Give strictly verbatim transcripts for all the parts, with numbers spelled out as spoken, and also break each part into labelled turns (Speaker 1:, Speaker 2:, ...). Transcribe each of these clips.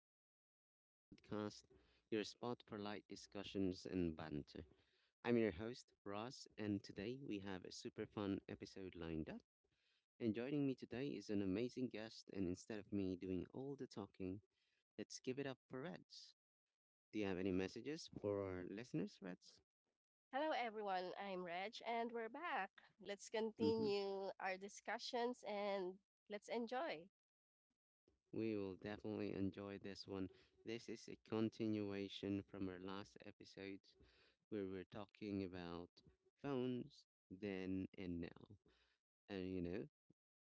Speaker 1: Pinoy English Podcast, your spot for light discussions and banter. I'm your host, Ross, and today we have a super fun episode lined up. And joining me today is an amazing guest, and instead of me doing all the talking, let's give it up for Reds. Do you have any messages for our listeners, Reds?
Speaker 2: Hello, everyone. I'm Reg, and we're back. Let's
Speaker 1: Mm-hmm.
Speaker 2: continue our discussions and let's enjoy.
Speaker 1: We will definitely enjoy this one. This is a continuation from our last episode, where we're talking about phones then and now. And you know,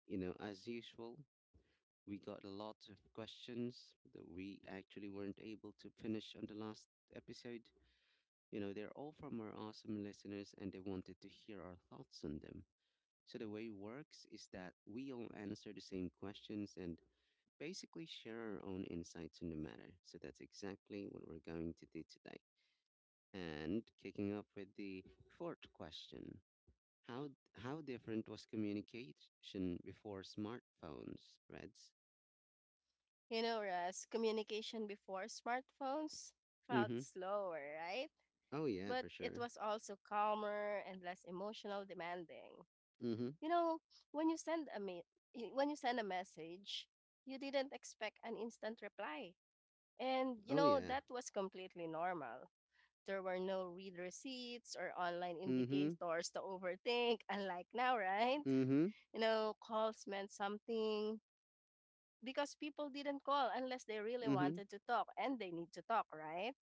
Speaker 1: you know, as usual, we got lots of questions that we actually weren't able to finish on the last episode. You know, they're all from our awesome listeners and they wanted to hear our thoughts on them. So the way it works is that we all answer the same questions and basically share our own insights on the matter. So that's exactly what we're going to do today. And kicking off with the fourth question. How how different was communication before smartphones, Reds?
Speaker 2: You know, Russ, communication before smartphones felt
Speaker 1: Mm-hmm.
Speaker 2: slower, right?
Speaker 1: Oh yeah,
Speaker 2: But
Speaker 1: for
Speaker 2: it
Speaker 1: sure.
Speaker 2: was also calmer and less emotional demanding.
Speaker 1: Mm-hmm.
Speaker 2: You know, when you send a me- y- when you send a message, you didn't expect an instant reply. And you
Speaker 1: Oh
Speaker 2: know,
Speaker 1: yeah.
Speaker 2: that was completely normal. There were no read receipts or online
Speaker 1: Mm-hmm.
Speaker 2: indicators to overthink, unlike now, right?
Speaker 1: Mm-hmm.
Speaker 2: You know, calls meant something because people didn't call unless they really
Speaker 1: Mm-hmm.
Speaker 2: wanted to talk and they need to talk, right?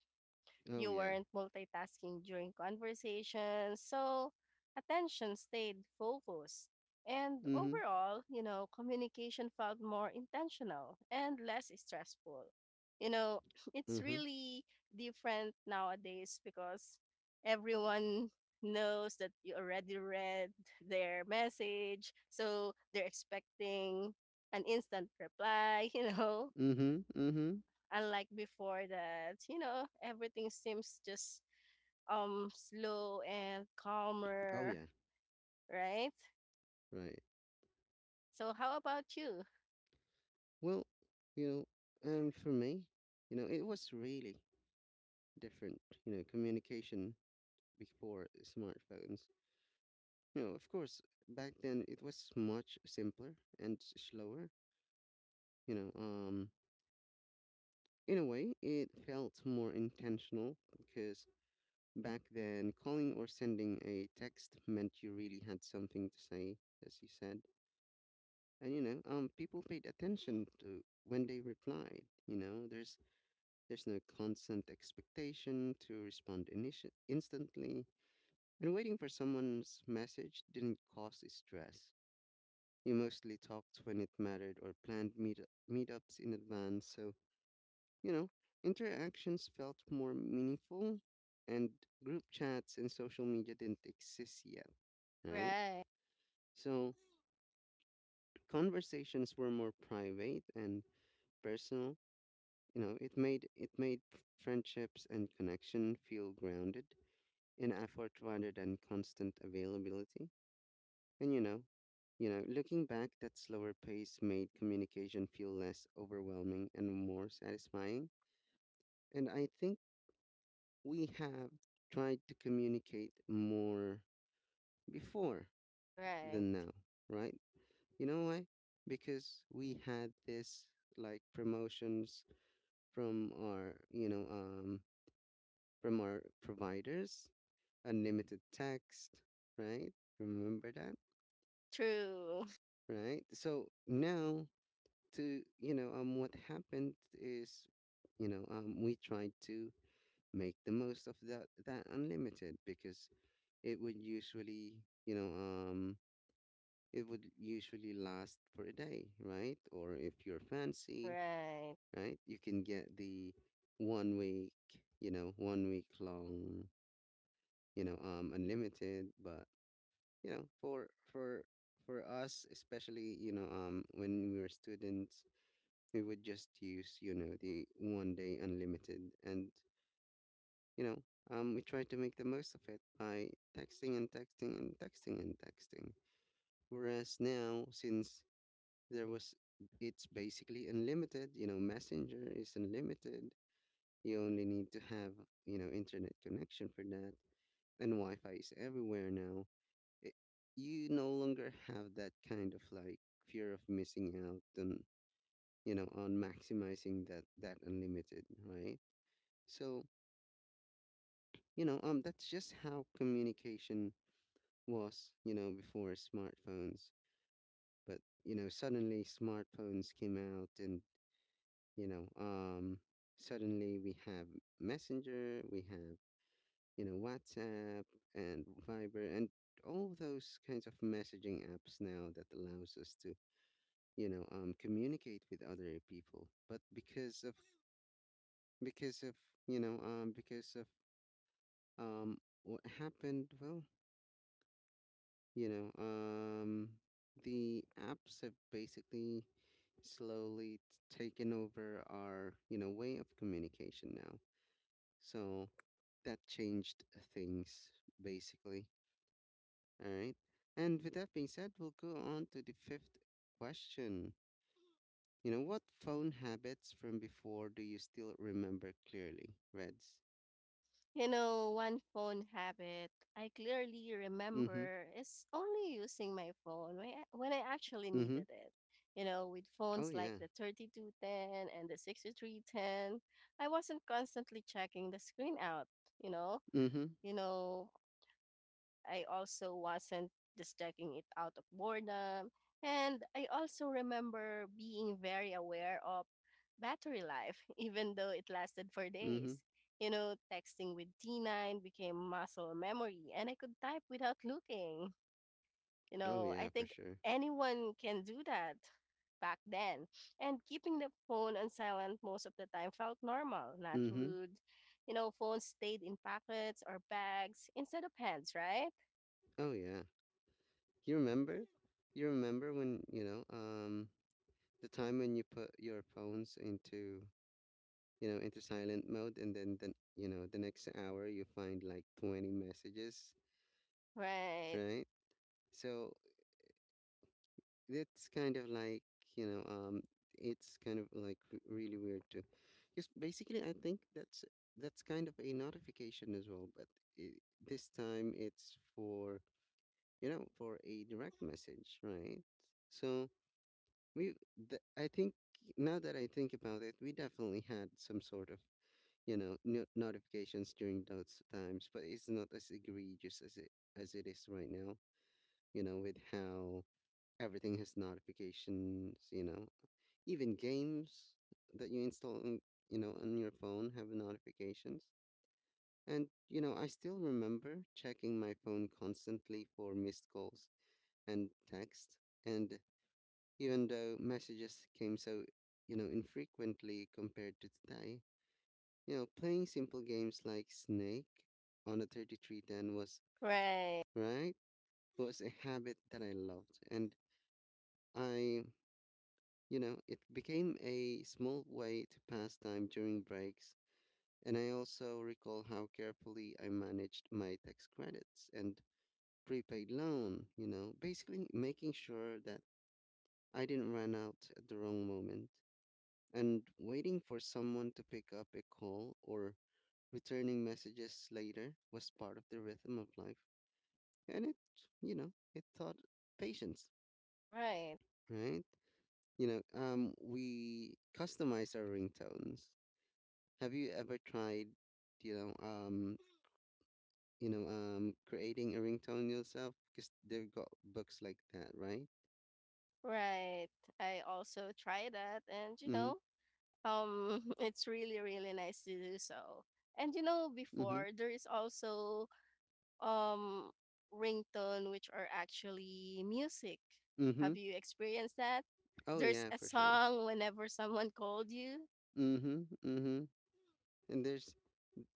Speaker 1: Oh
Speaker 2: You
Speaker 1: yeah.
Speaker 2: weren't multitasking during conversations, so attention stayed focused. And
Speaker 1: Mm-hmm.
Speaker 2: overall, you know, communication felt more intentional and less stressful. You know, it's
Speaker 1: Mm-hmm.
Speaker 2: really different nowadays because everyone knows that you already read their message, so they're expecting an instant reply, you know,
Speaker 1: Mm-hmm. Mm-hmm.
Speaker 2: unlike before that, you know, everything seems just um slow and
Speaker 1: Oh
Speaker 2: calmer,
Speaker 1: yeah.
Speaker 2: right?
Speaker 1: Right.
Speaker 2: So how about you?
Speaker 1: Well, you know, um for me, you know, it was really different. You know, communication before smartphones, you know, of course, back then it was much simpler and s- slower. You know, um In a way, it felt more intentional because back then, calling or sending a text meant you really had something to say, as you said. And you know, um, people paid attention to when they replied. You know, there's there's no constant expectation to respond initi- instantly, and waiting for someone's message didn't cause stress. You mostly talked when it mattered or planned meet- meetups in advance. so You know, Interactions felt more meaningful, and group chats and social media didn't exist yet, right?
Speaker 2: Right,
Speaker 1: So conversations were more private and personal. You know, it made it made f- friendships and connection feel grounded in effort rather than constant availability. And you know, you know, looking back, that slower pace made communication feel less overwhelming and more satisfying. And I think we have tried to communicate more before
Speaker 2: right.
Speaker 1: than now, right? You know why? Because we had this like promotions from our, you know, um, from our providers, unlimited text, right? Remember that,
Speaker 2: True.
Speaker 1: right? So now, to you know, um, what happened is, you know, um, we tried to make the most of that that unlimited, because it would usually, you know um it would usually last for a day, right? Or if you're fancy,
Speaker 2: Right.
Speaker 1: right, you can get the one week, you know one week long, you know um unlimited. But you know for for for us, especially, you know um when we were students, we would just use, you know, the one day unlimited, and you know um we try to make the most of it by texting and texting and texting and texting. Whereas now, since there was, it's basically unlimited. You know, Messenger is unlimited. You only need to have, you know internet connection for that, and Wi-Fi is everywhere now. It, you no longer have that kind of like fear of missing out and, you know, on maximizing that that unlimited, right? So, you know, um, that's just how communication was, you know, before smartphones. But, you know, suddenly smartphones came out, and you know um suddenly we have Messenger, we have, you know, WhatsApp and Viber, and all those kinds of messaging apps now that allows us to, you know um communicate with other people. But because of because of you know um because of um what happened well you know um the apps have basically slowly t- taken over our, you know, way of communication now, so that changed things, basically. All right. And with that being said, we'll go on to the fifth question. You know, what phone habits from before do you still remember clearly, Reds?
Speaker 2: You know, one phone habit I clearly
Speaker 1: Mm hmm.
Speaker 2: remember is only using my phone when I, when I actually
Speaker 1: Mm hmm.
Speaker 2: needed it. You know, with
Speaker 1: Oh,
Speaker 2: phones like
Speaker 1: yeah.
Speaker 2: the thirty-two ten and the sixty-three ten, I wasn't constantly checking the screen out, you know.
Speaker 1: Mm hmm.
Speaker 2: You know, I also wasn't just checking it out of boredom. And I also remember being very aware of battery life, even though it lasted for
Speaker 1: Mm hmm.
Speaker 2: days. You know, texting with T nine became muscle memory, and I could type without looking. You
Speaker 1: Oh,
Speaker 2: know, I
Speaker 1: yeah, for
Speaker 2: think
Speaker 1: sure.
Speaker 2: anyone can do that back then. And keeping the phone on silent most of the time felt normal, not
Speaker 1: Mm hmm.
Speaker 2: rude. You know, phones stayed in pockets or bags instead of hands, right?
Speaker 1: Oh, yeah. You remember? You remember when, you know, um, the time when you put your phones into, you know into silent mode, and then the, you know the next hour you find like twenty messages,
Speaker 2: Right,
Speaker 1: right? So it's kind of like, you know, um, it's kind of like r- really weird too. Just basically, I think that's that's kind of a notification as well, but I this time it's for, you know, for a direct message, right? So we, th- I think now that I think about it, we definitely had some sort of, you know, no- notifications during those times, but it's not as egregious as it as it is right now, you know, with how everything has notifications, you know. Even games that you install on, you know, on your phone have notifications. And you know, I still remember checking my phone constantly for missed calls and texts. And even though messages came so, you know, infrequently compared to today, you know, playing simple games like Snake on a thirty three ten was,
Speaker 2: right,
Speaker 1: right, was a habit that I loved. And I You know, it became a small way to pass time during breaks, and I also recall how carefully I managed my tax credits and prepaid loan, you know, basically making sure that I didn't run out at the wrong moment, and waiting for someone to pick up a call or returning messages later was part of the rhythm of life. And it, you know, it taught patience,
Speaker 2: right,
Speaker 1: right? You know, um, we customize our ringtones. Have you ever tried, you know, um, you know, um, creating a ringtone yourself? Because they've got books like that, right?
Speaker 2: right. I also try that, and you
Speaker 1: Mm-hmm.
Speaker 2: know, um, it's really, really nice to do so. And you know,
Speaker 1: Mm-hmm.
Speaker 2: before there is also um ringtone, which are actually music.
Speaker 1: Mm-hmm.
Speaker 2: Have you experienced that?
Speaker 1: Oh
Speaker 2: There's
Speaker 1: yeah,
Speaker 2: a
Speaker 1: for sure.
Speaker 2: song whenever someone called you.
Speaker 1: Mm-hmm. Mm-hmm. And there's,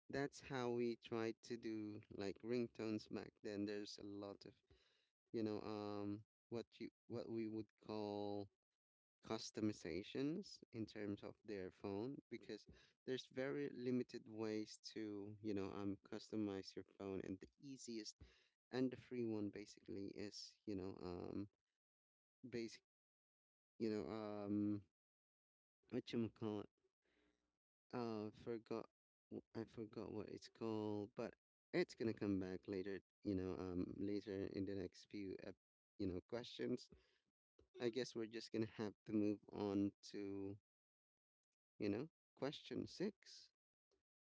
Speaker 1: that's how we tried to do like ringtones back then. There's a lot of, you know um what you what we would call customizations in terms of their phone, because there's very limited ways to, you know um customize your phone, and the easiest and the free one basically is, you know um basic, you know um what you call it, uh forgot, w- I forgot what it's called, but it's gonna come back later, you know um later in the next few ep- you know questions. I guess we're just gonna have to move on to, you know, question six.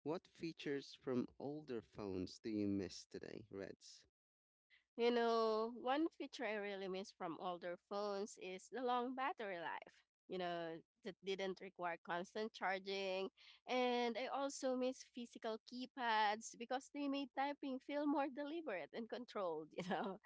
Speaker 1: What features from older phones do you miss today, Reds?
Speaker 2: You know, one feature I really miss from older phones is the long battery life. You know, that didn't require constant charging. And I also miss physical keypads because they made typing feel more deliberate and controlled, you know.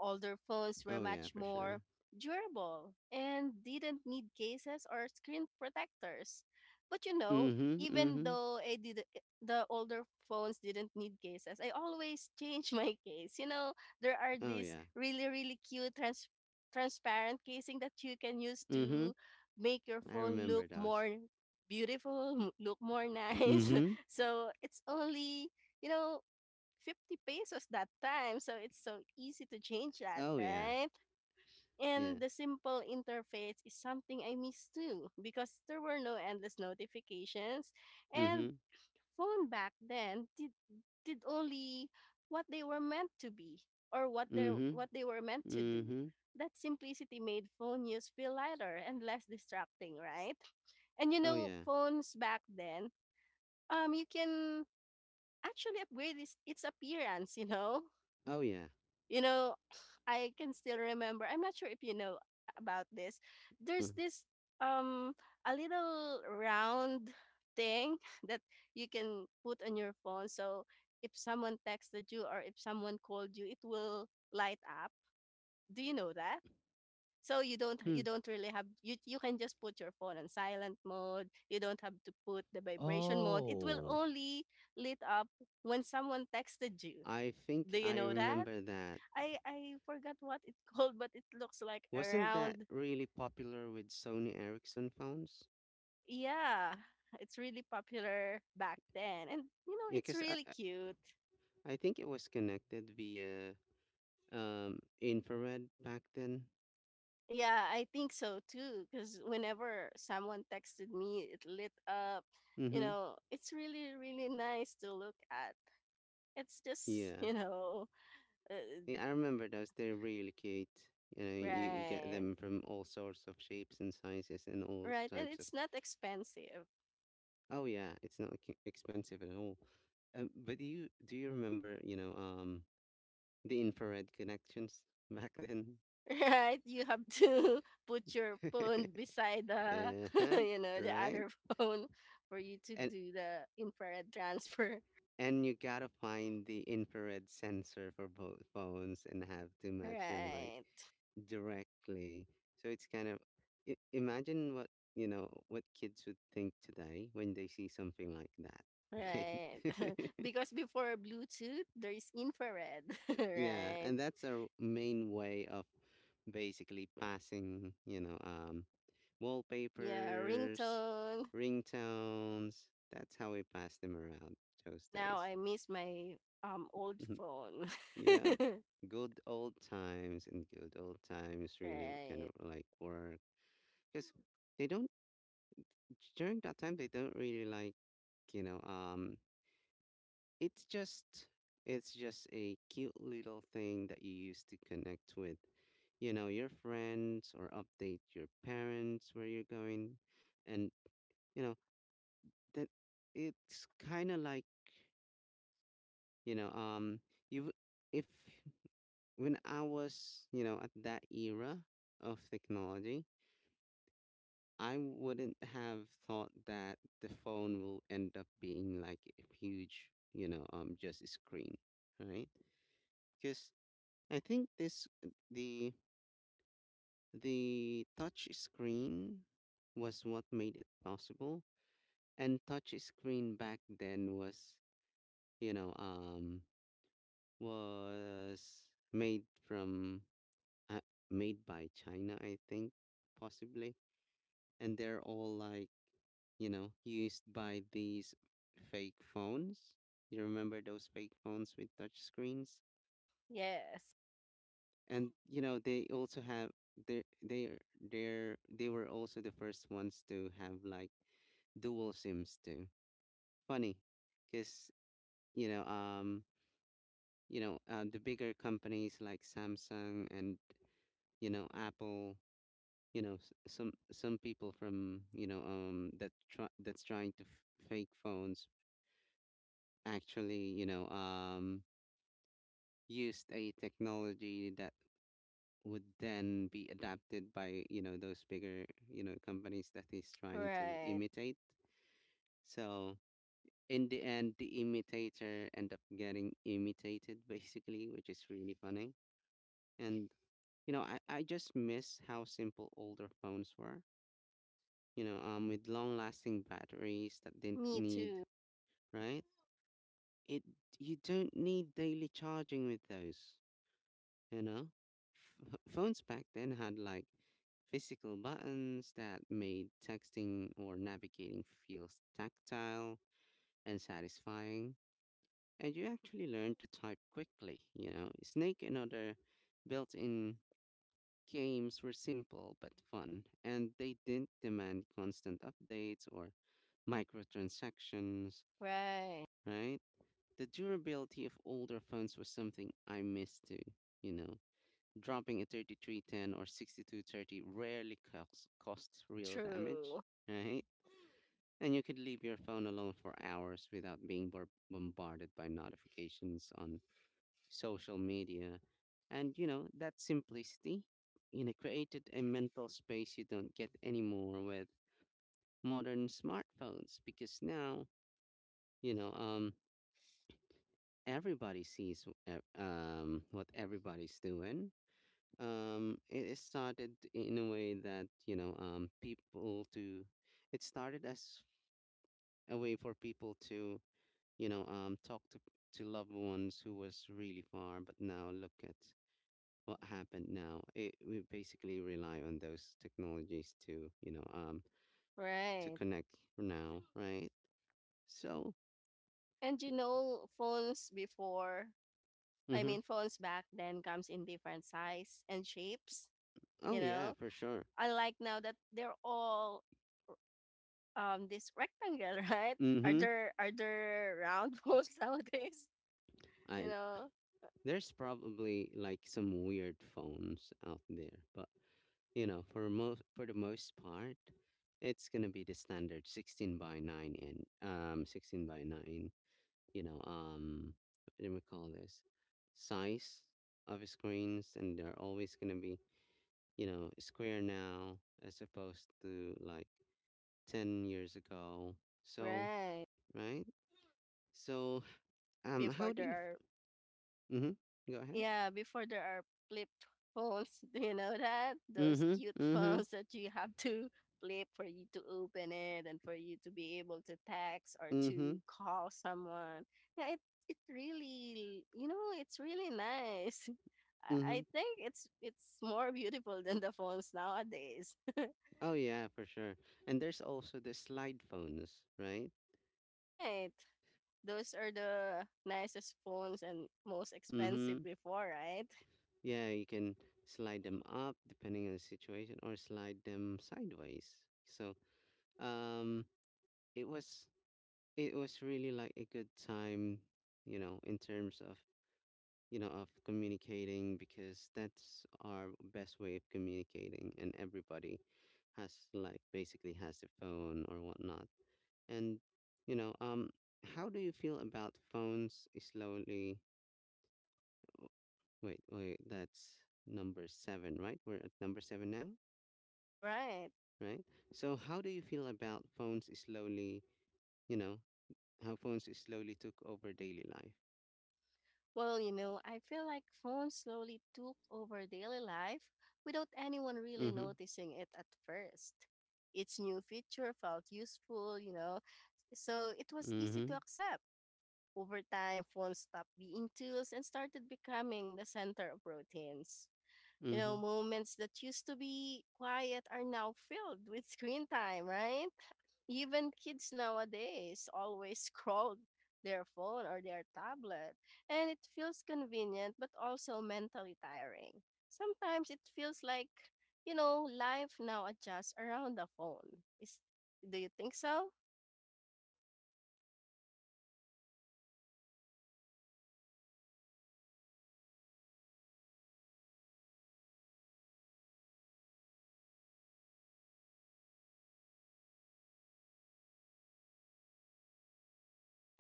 Speaker 2: Older phones were
Speaker 1: Oh yeah,
Speaker 2: much
Speaker 1: for
Speaker 2: more
Speaker 1: sure.
Speaker 2: durable and didn't need cases or screen protectors. But you know,
Speaker 1: Mm-hmm.
Speaker 2: even
Speaker 1: Mm-hmm.
Speaker 2: though I did the older phones didn't need cases, I always change my case. You know, there are
Speaker 1: Oh
Speaker 2: these
Speaker 1: yeah.
Speaker 2: really really cute trans- transparent casing that you can use
Speaker 1: Mm-hmm.
Speaker 2: to make your
Speaker 1: I
Speaker 2: phone look
Speaker 1: remember those.
Speaker 2: more beautiful, m- look more nice.
Speaker 1: Mm-hmm.
Speaker 2: So it's only you know fifty pesos that time. So it's so easy to change that,
Speaker 1: Oh yeah.
Speaker 2: right?
Speaker 1: Yeah.
Speaker 2: And the simple interface is something I miss too because there were no endless notifications. And
Speaker 1: Mm-hmm.
Speaker 2: phone back then did, did only what they were meant to be or what they
Speaker 1: Mm-hmm.
Speaker 2: what they were meant to do.
Speaker 1: Mm-hmm.
Speaker 2: That simplicity made phone use feel lighter and less distracting, right? And you
Speaker 1: Oh
Speaker 2: know,
Speaker 1: yeah.
Speaker 2: phones back then, um, you can actually upgrade its, its appearance, you know?
Speaker 1: Oh yeah.
Speaker 2: You know, I can still remember. I'm not sure if you know about this.
Speaker 1: Mm-hmm.
Speaker 2: There's this um a little round thing that you can put on your phone. So if someone texted you or if someone called you, it will light up. Do you know that? So you don't you don't really have you you can just put your phone on silent mode. You don't have to put the vibration mode. It will
Speaker 1: Oh,
Speaker 2: only lit up when someone texted you.
Speaker 1: I think
Speaker 2: Do you
Speaker 1: I
Speaker 2: know that?
Speaker 1: remember that.
Speaker 2: I I forgot what it's called, but it looks like a
Speaker 1: Wasn't that
Speaker 2: round.
Speaker 1: really popular with Sony Ericsson phones?
Speaker 2: Yeah, it's really popular back then, and you know
Speaker 1: Yeah,
Speaker 2: it's
Speaker 1: because I,
Speaker 2: really
Speaker 1: I
Speaker 2: cute.
Speaker 1: I think it was connected via um, infrared back then.
Speaker 2: Yeah, I think so too. Because whenever someone texted me, it lit up. You
Speaker 1: Mhm.
Speaker 2: know, it's really really nice to look at. It's just
Speaker 1: Yeah.
Speaker 2: you know, uh,
Speaker 1: Yeah, I remember those. They're really cute. You know, you get
Speaker 2: right,
Speaker 1: them from all sorts of shapes and sizes and all
Speaker 2: right, and
Speaker 1: types of.
Speaker 2: it's not expensive.
Speaker 1: Oh yeah, it's not ex- expensive at all. Um, but do you do you remember, you know, um, the infrared connections back then?
Speaker 2: Right? You have to put your phone beside the,
Speaker 1: Uh-huh,
Speaker 2: you know, the
Speaker 1: right?
Speaker 2: other phone for you to do the infrared transfer.
Speaker 1: And you gotta find the infrared sensor for both phones and have to match them like
Speaker 2: Right.
Speaker 1: directly. So it's kind of, i- imagine what, you know, what kids would think today when they see something like that, right?
Speaker 2: Right. Because before Bluetooth, there is infrared.
Speaker 1: Yeah,
Speaker 2: Right.
Speaker 1: and that's our main way of basically passing, you know, um,
Speaker 2: Yeah,
Speaker 1: wallpapers,
Speaker 2: ringtone.
Speaker 1: ringtones. That's how we pass them around those
Speaker 2: Now
Speaker 1: days.
Speaker 2: I miss my um old phone.
Speaker 1: Yeah. Good old times, and good old times really would kind
Speaker 2: Right.
Speaker 1: of like work, because they don't, during that time they don't really like, you know um it's just, it's just a cute little thing that you use to connect with, you know, your friends, or update your parents where you're going. And, you know that it's kind of like, you know um you if when I was, you know, at that era of technology, I wouldn't have thought that the phone will end up being like a huge, you know, um, just a screen, right? Because I think this the the touch screen was what made it possible, and touch screen back then was, you know, um, was made from uh, made by China, I think, possibly, and they're all like, you know, used by these fake phones. You remember those fake phones with touch screens,
Speaker 2: Yes.
Speaker 1: and you know they also have, they they they they were also the first ones to have like dual sims too. Funny, cuz, you know um you know uh, the bigger companies like Samsung and, you know, Apple, you know, s- some some people from, you know um that try, that's trying to f- fake phones, actually, you know, um, used a technology that would then be adapted by, you know, those bigger, you know, companies that he's trying to
Speaker 2: Right.
Speaker 1: imitate. So in the end, the imitator end up getting imitated basically, which is really funny. And you know, I, I just miss how simple older phones were. You know, um, with long-lasting batteries that didn't
Speaker 2: Me
Speaker 1: need,
Speaker 2: too.
Speaker 1: right? It You don't need daily charging with those. you know Ph phones back then had like physical buttons that made texting or navigating feels tactile and satisfying, and you actually learned to type quickly. you know Snake and other built-in games were simple but fun, and they didn't demand constant updates or microtransactions,
Speaker 2: Right.
Speaker 1: right? The durability of older phones was something I missed too you know dropping a thirty three ten or sixty two thirty rarely costs, costs real damage,
Speaker 2: True.
Speaker 1: right? And you could leave your phone alone for hours without being bor- bombarded by notifications on social media. And, you know, that simplicity, you know, created a mental space you don't get anymore with modern smartphones because now, you know, um, everybody sees w- ev- um, what everybody's doing. um it it started in a way that you know um people to it started as a way for people to you know um talk to to loved ones who was really far. But now look at what happened. Now it we basically rely on those technologies to you know um to
Speaker 2: Right.
Speaker 1: connect now, right? So.
Speaker 2: And you know, phones before, I
Speaker 1: Mhm.
Speaker 2: mean, phones back then comes in different size and shapes, you
Speaker 1: Oh yeah,
Speaker 2: know.
Speaker 1: for sure.
Speaker 2: Unlike now that they're all um this rectangle, right? Are
Speaker 1: Mhm.
Speaker 2: there are there round phones nowadays? You
Speaker 1: I
Speaker 2: know,
Speaker 1: There's probably like some weird phones out there, but you know, for most for the most part, it's gonna be the standard sixteen by nine, and um sixteen by nine. You know, um, what do we call this? Size of screens, and they're always gonna be you know square now as opposed to like ten years ago. So.
Speaker 2: right.
Speaker 1: Right. So, um, how
Speaker 2: Before
Speaker 1: do
Speaker 2: there
Speaker 1: you? f-
Speaker 2: are.
Speaker 1: Mhm. Go ahead.
Speaker 2: Yeah, before there are flip phones. Do you know that? Those
Speaker 1: Mhm.
Speaker 2: cute
Speaker 1: Mhm.
Speaker 2: phones that you have to flip for you to open it and for you to be able to text or
Speaker 1: Mhm.
Speaker 2: to call someone. Yeah, it it really, you know, it's really nice. I
Speaker 1: Mhm.
Speaker 2: I think it's it's more beautiful than the phones nowadays.
Speaker 1: Oh yeah, for sure. And there's also the slide phones, right?
Speaker 2: Right. Those are the nicest phones and most expensive
Speaker 1: Mhm.
Speaker 2: before, right?
Speaker 1: Yeah, you can slide them up depending on the situation or slide them sideways. So, um it was it was really like a good time, you know, in terms of, you know, of communicating, because that's our best way of communicating, and everybody has like basically has a phone or whatnot. And you know, um, how do you feel about phones slowly? oh, Wait, wait, that's number seven, right? We're at number seven now,
Speaker 2: Right.
Speaker 1: right? So, how do you feel about phones slowly? You know, how phones slowly took over daily life.
Speaker 2: Well, you know, I feel like phones slowly took over daily life without anyone really
Speaker 1: Mm-hmm.
Speaker 2: noticing it at first. Its new feature felt useful, you know, so it was easy to
Speaker 1: Mm-hmm.
Speaker 2: accept. Over time, phones stopped being tools and started becoming the center of routines. You know,
Speaker 1: Mm-hmm.
Speaker 2: moments that used to be quiet are now filled with screen time, right? Even kids nowadays always scroll their phone or their tablet, and it feels convenient but also mentally tiring. Sometimes it feels like, you know, life now adjusts around the phone. Is Do you think so?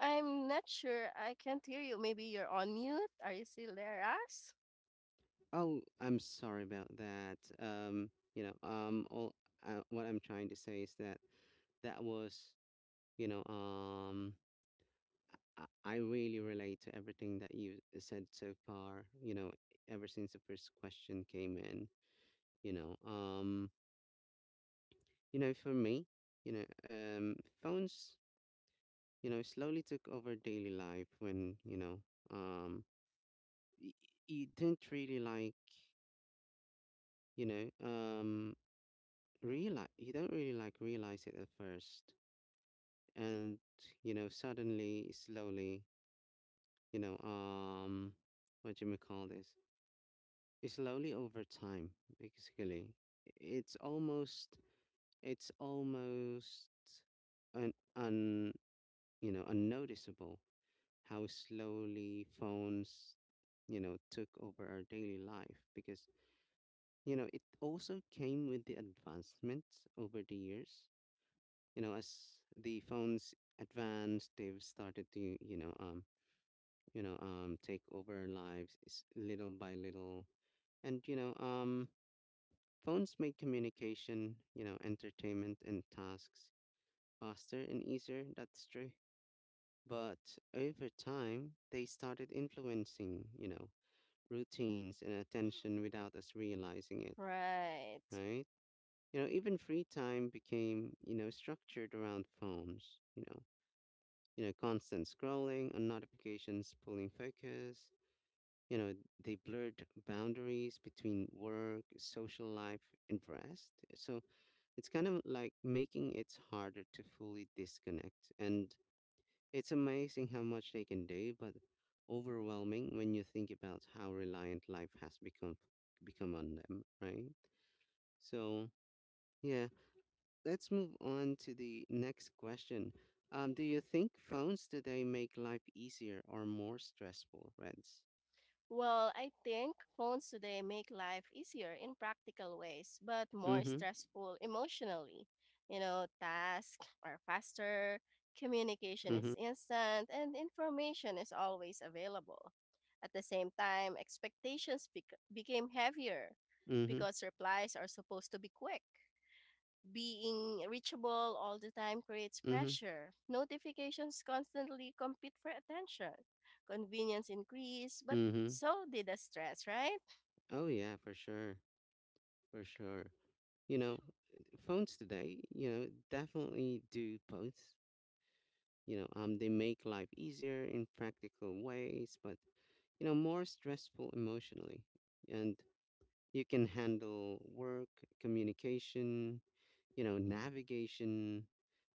Speaker 2: I'm not sure. I can't hear you. Maybe you're on mute. Are you still there, As?
Speaker 1: Oh, I'm sorry about that. Um, you know, um, all uh, What I'm trying to say is that that was, you know, um, I I really relate to everything that you said so far, you know, ever since the first question came in, you know. Um, you know, for me, you know, um phones, you know, slowly took over daily life when, you know, um y- y- you don't really like, you know, um realize you don't really like realize it at first. And, you know, Suddenly, slowly, you know, um what do you may call this? Slowly over time, basically, it's almost it's almost un, un you know unnoticeable how slowly phones you know took over our daily life, because you know it also came with the advancements over the years. You know as the phones advanced, they've started to you know um you know um take over our lives s- little by little. And you know um Phones make communication, you know, entertainment, and tasks faster and easier, that's true. But over time, they started influencing, you know, routines and attention without us realizing it,
Speaker 2: Right.
Speaker 1: right? You know, even free time became, you know, structured around phones, you know, you know, constant scrolling and notifications pulling focus. You know, they blurred boundaries between work, social life, and rest. So, it's kind of like making it harder to fully disconnect. And it's amazing how much they can do, but overwhelming when you think about how reliant life has become become on them, right? So, yeah, let's move on to the next question. Um, do you think phones today make life easier or more stressful, Reds?
Speaker 2: Well, I think phones today make life easier in practical ways, but more
Speaker 1: Mm-hmm.
Speaker 2: stressful emotionally. You know, tasks are faster, communication is
Speaker 1: Mm-hmm.
Speaker 2: instant, and information is always available. At the same time, expectations bec- became heavier because replies are supposed to be quick. Being reachable all the time creates
Speaker 1: Mm-hmm. Mm-hmm.
Speaker 2: pressure. Notifications constantly compete for attention. Convenience increased, but
Speaker 1: Mm-hmm.
Speaker 2: so did the stress, right?
Speaker 1: Oh yeah, for sure. For sure. You know, Phones today, you know, definitely do both. You know, um, they make life easier in practical ways, but, you know, more stressful emotionally. And you can handle work, communication, you know, navigation,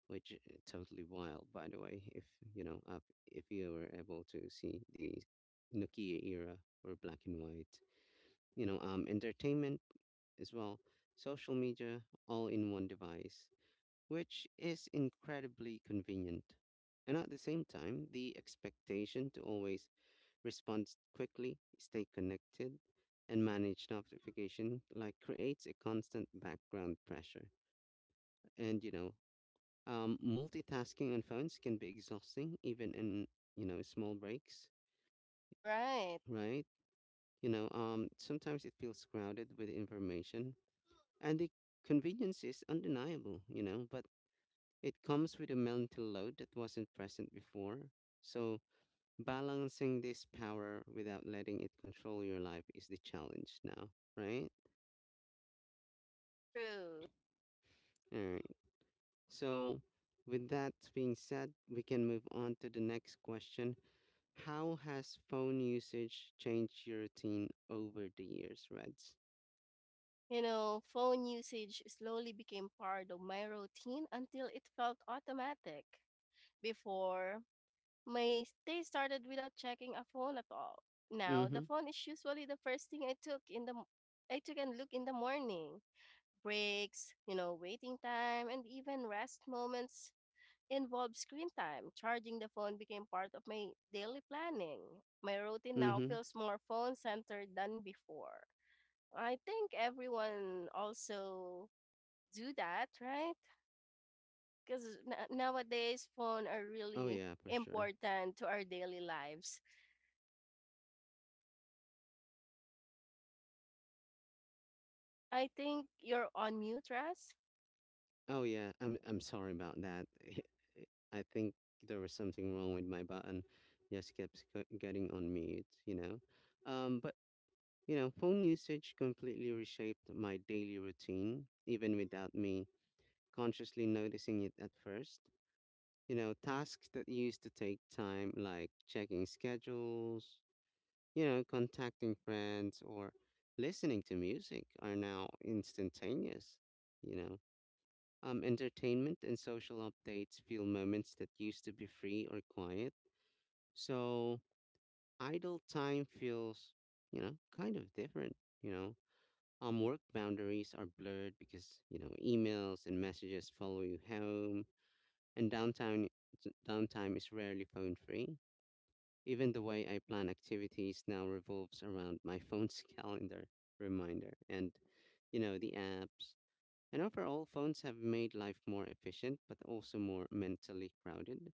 Speaker 1: which, uh, totally wild, by the way, if, you know, up, if you were able to see the Nokia era or black and white, you know, um, entertainment as well, social media, all in one device, which is incredibly convenient. And at the same time, the expectation to always respond quickly, stay connected, and manage notification like creates a constant background pressure. And you know, um, Multitasking on phones can be exhausting, even in you know small breaks,
Speaker 2: Right.
Speaker 1: right? You know, um, sometimes it feels crowded with information. And the convenience is undeniable, you know, but it comes with a mental load that wasn't present before. So balancing this power without letting it control your life is the challenge now, right?
Speaker 2: True.
Speaker 1: All right. So with that being said, we can move on to the next question. How has phone usage changed your routine over the years, Reds?
Speaker 2: You know, phone usage slowly became part of my routine until it felt automatic. Before, my day started without checking a phone at all. Now, the
Speaker 1: Mm-hmm.
Speaker 2: phone is usually the first thing I took in the m- I took and look in the morning. Breaks, you know, waiting time, and even rest moments involve screen time. Charging the phone became part of my daily planning. My routine now
Speaker 1: Mm-hmm.
Speaker 2: feels more phone centered than before. I think everyone also do that, right? Because nowadays phone are
Speaker 1: Oh
Speaker 2: really
Speaker 1: yeah, for sure.
Speaker 2: important to our daily lives. I think you're on mute, Russ.
Speaker 1: Oh yeah, I'm I'm sorry about that. I think there was something wrong with my button. Just kept sc- getting on mute, you know. Um, but you know, phone usage completely reshaped my daily routine, even without me consciously noticing it at first. You know, tasks that used to take time, like checking schedules, you know, contacting friends, or listening to music, are now instantaneous. You know, um, Entertainment and social updates feel moments that used to be free or quiet. So idle time feels, you know, kind of different, you know. Um, work boundaries are blurred because, you know, emails and messages follow you home, and downtime downtime is rarely phone free. Even the way I plan activities now revolves around my phone's calendar reminder and, you know, the apps, and overall, phones have made life more efficient, but also more mentally crowded.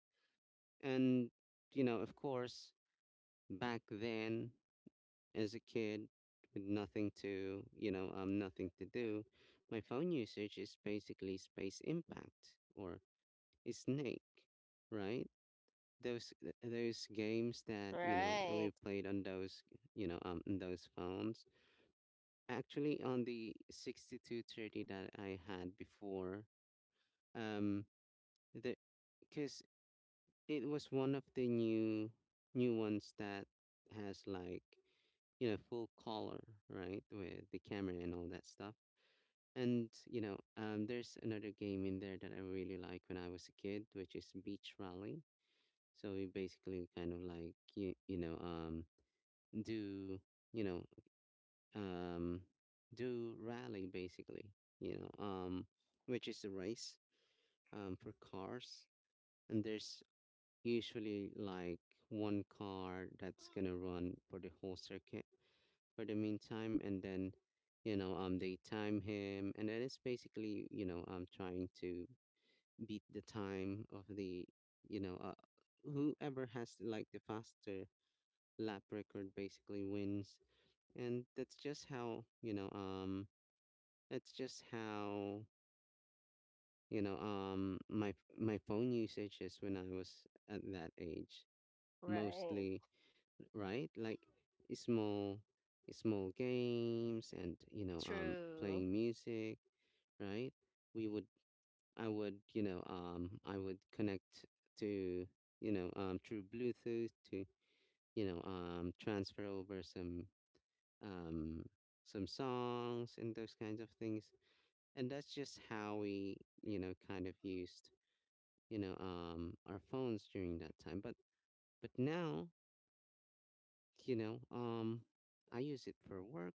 Speaker 1: And, you know, of course, back then, as a kid with nothing to, you know, um, nothing to do, my phone usage is basically space impact or snake, right? Those th- those games that you know we
Speaker 2: Right,
Speaker 1: played on those you know um on those phones. Actually, on the sixty two thirty that I had before, um the because it was one of the new new ones that has like you know full color, right, with the camera and all that stuff. And you know um, there's another game in there that I really like when I was a kid, which is beach rally. So we basically kind of like you, you know um do you know um do rally, basically, you know um which is a race, um for cars. And there's usually like one car that's gonna run for the whole circuit for the meantime, and then you know um they time him, and then it's basically you know um trying to beat the time of the, you know uh, whoever has like the faster lap record basically wins. And that's just how you know um that's just how you know um my my phone usage is when I was at that age,
Speaker 2: right,
Speaker 1: mostly, right? Like small small games and, you know um
Speaker 2: true,
Speaker 1: playing music, right? We would I would you know um I would connect to you know um through Bluetooth to you know um transfer over some, um some songs and those kinds of things. And that's just how we, you know kind of used, you know um our phones during that time. But but now, you know um I use it for work.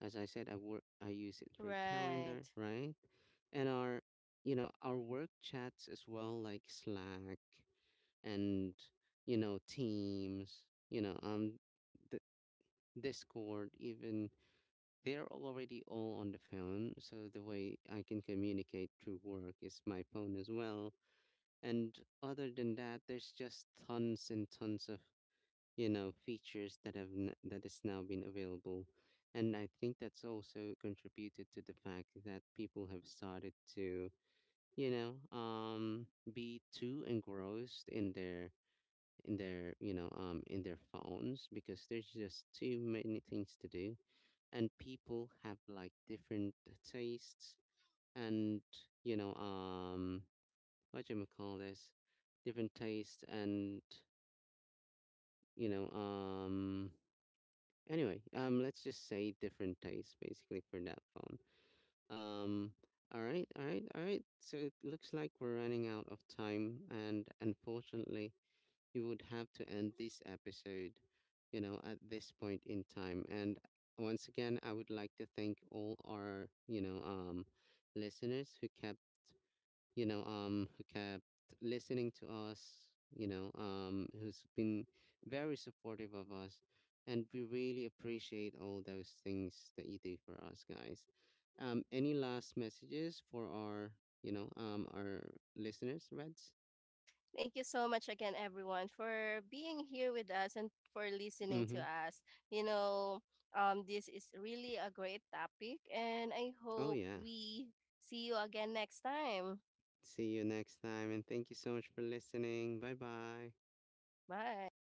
Speaker 1: As I said, i work I use it for calendar,
Speaker 2: right.
Speaker 1: right, and our you know our work chats as well, like Slack, and, you know teams, you know um the discord even. They're all already all on the phone, so the way I can communicate through work is my phone as well. And other than that, there's just tons and tons of, you know features that have n- that is now been available. And I think that's also contributed to the fact that people have started to you know um be too engrossed in their, in their you know um in their phones because there's just too many things to do. And people have like different tastes, and you know um what you call this different tastes, and you know um Anyway, um, let's just say different taste basically for that phone. Um, all right, all right, all right. So it looks like we're running out of time, and unfortunately, you would have to end this episode, you know, at this point in time. And once again, I would like to thank all our, you know, um, listeners who kept you know, um, who kept listening to us, you know, um, who's been very supportive of us. And we really appreciate all those things that you do for us, guys. Um, any last messages for our, you know, um, our listeners, Reds?
Speaker 2: Thank you so much again, everyone, for being here with us and for listening to
Speaker 1: Mm-hmm.
Speaker 2: us. You know, um, this is really a great topic, and I
Speaker 1: Oh,
Speaker 2: hope
Speaker 1: yeah.
Speaker 2: we see you again next time.
Speaker 1: See you next time. And thank you so much for listening. Bye bye.
Speaker 2: Bye.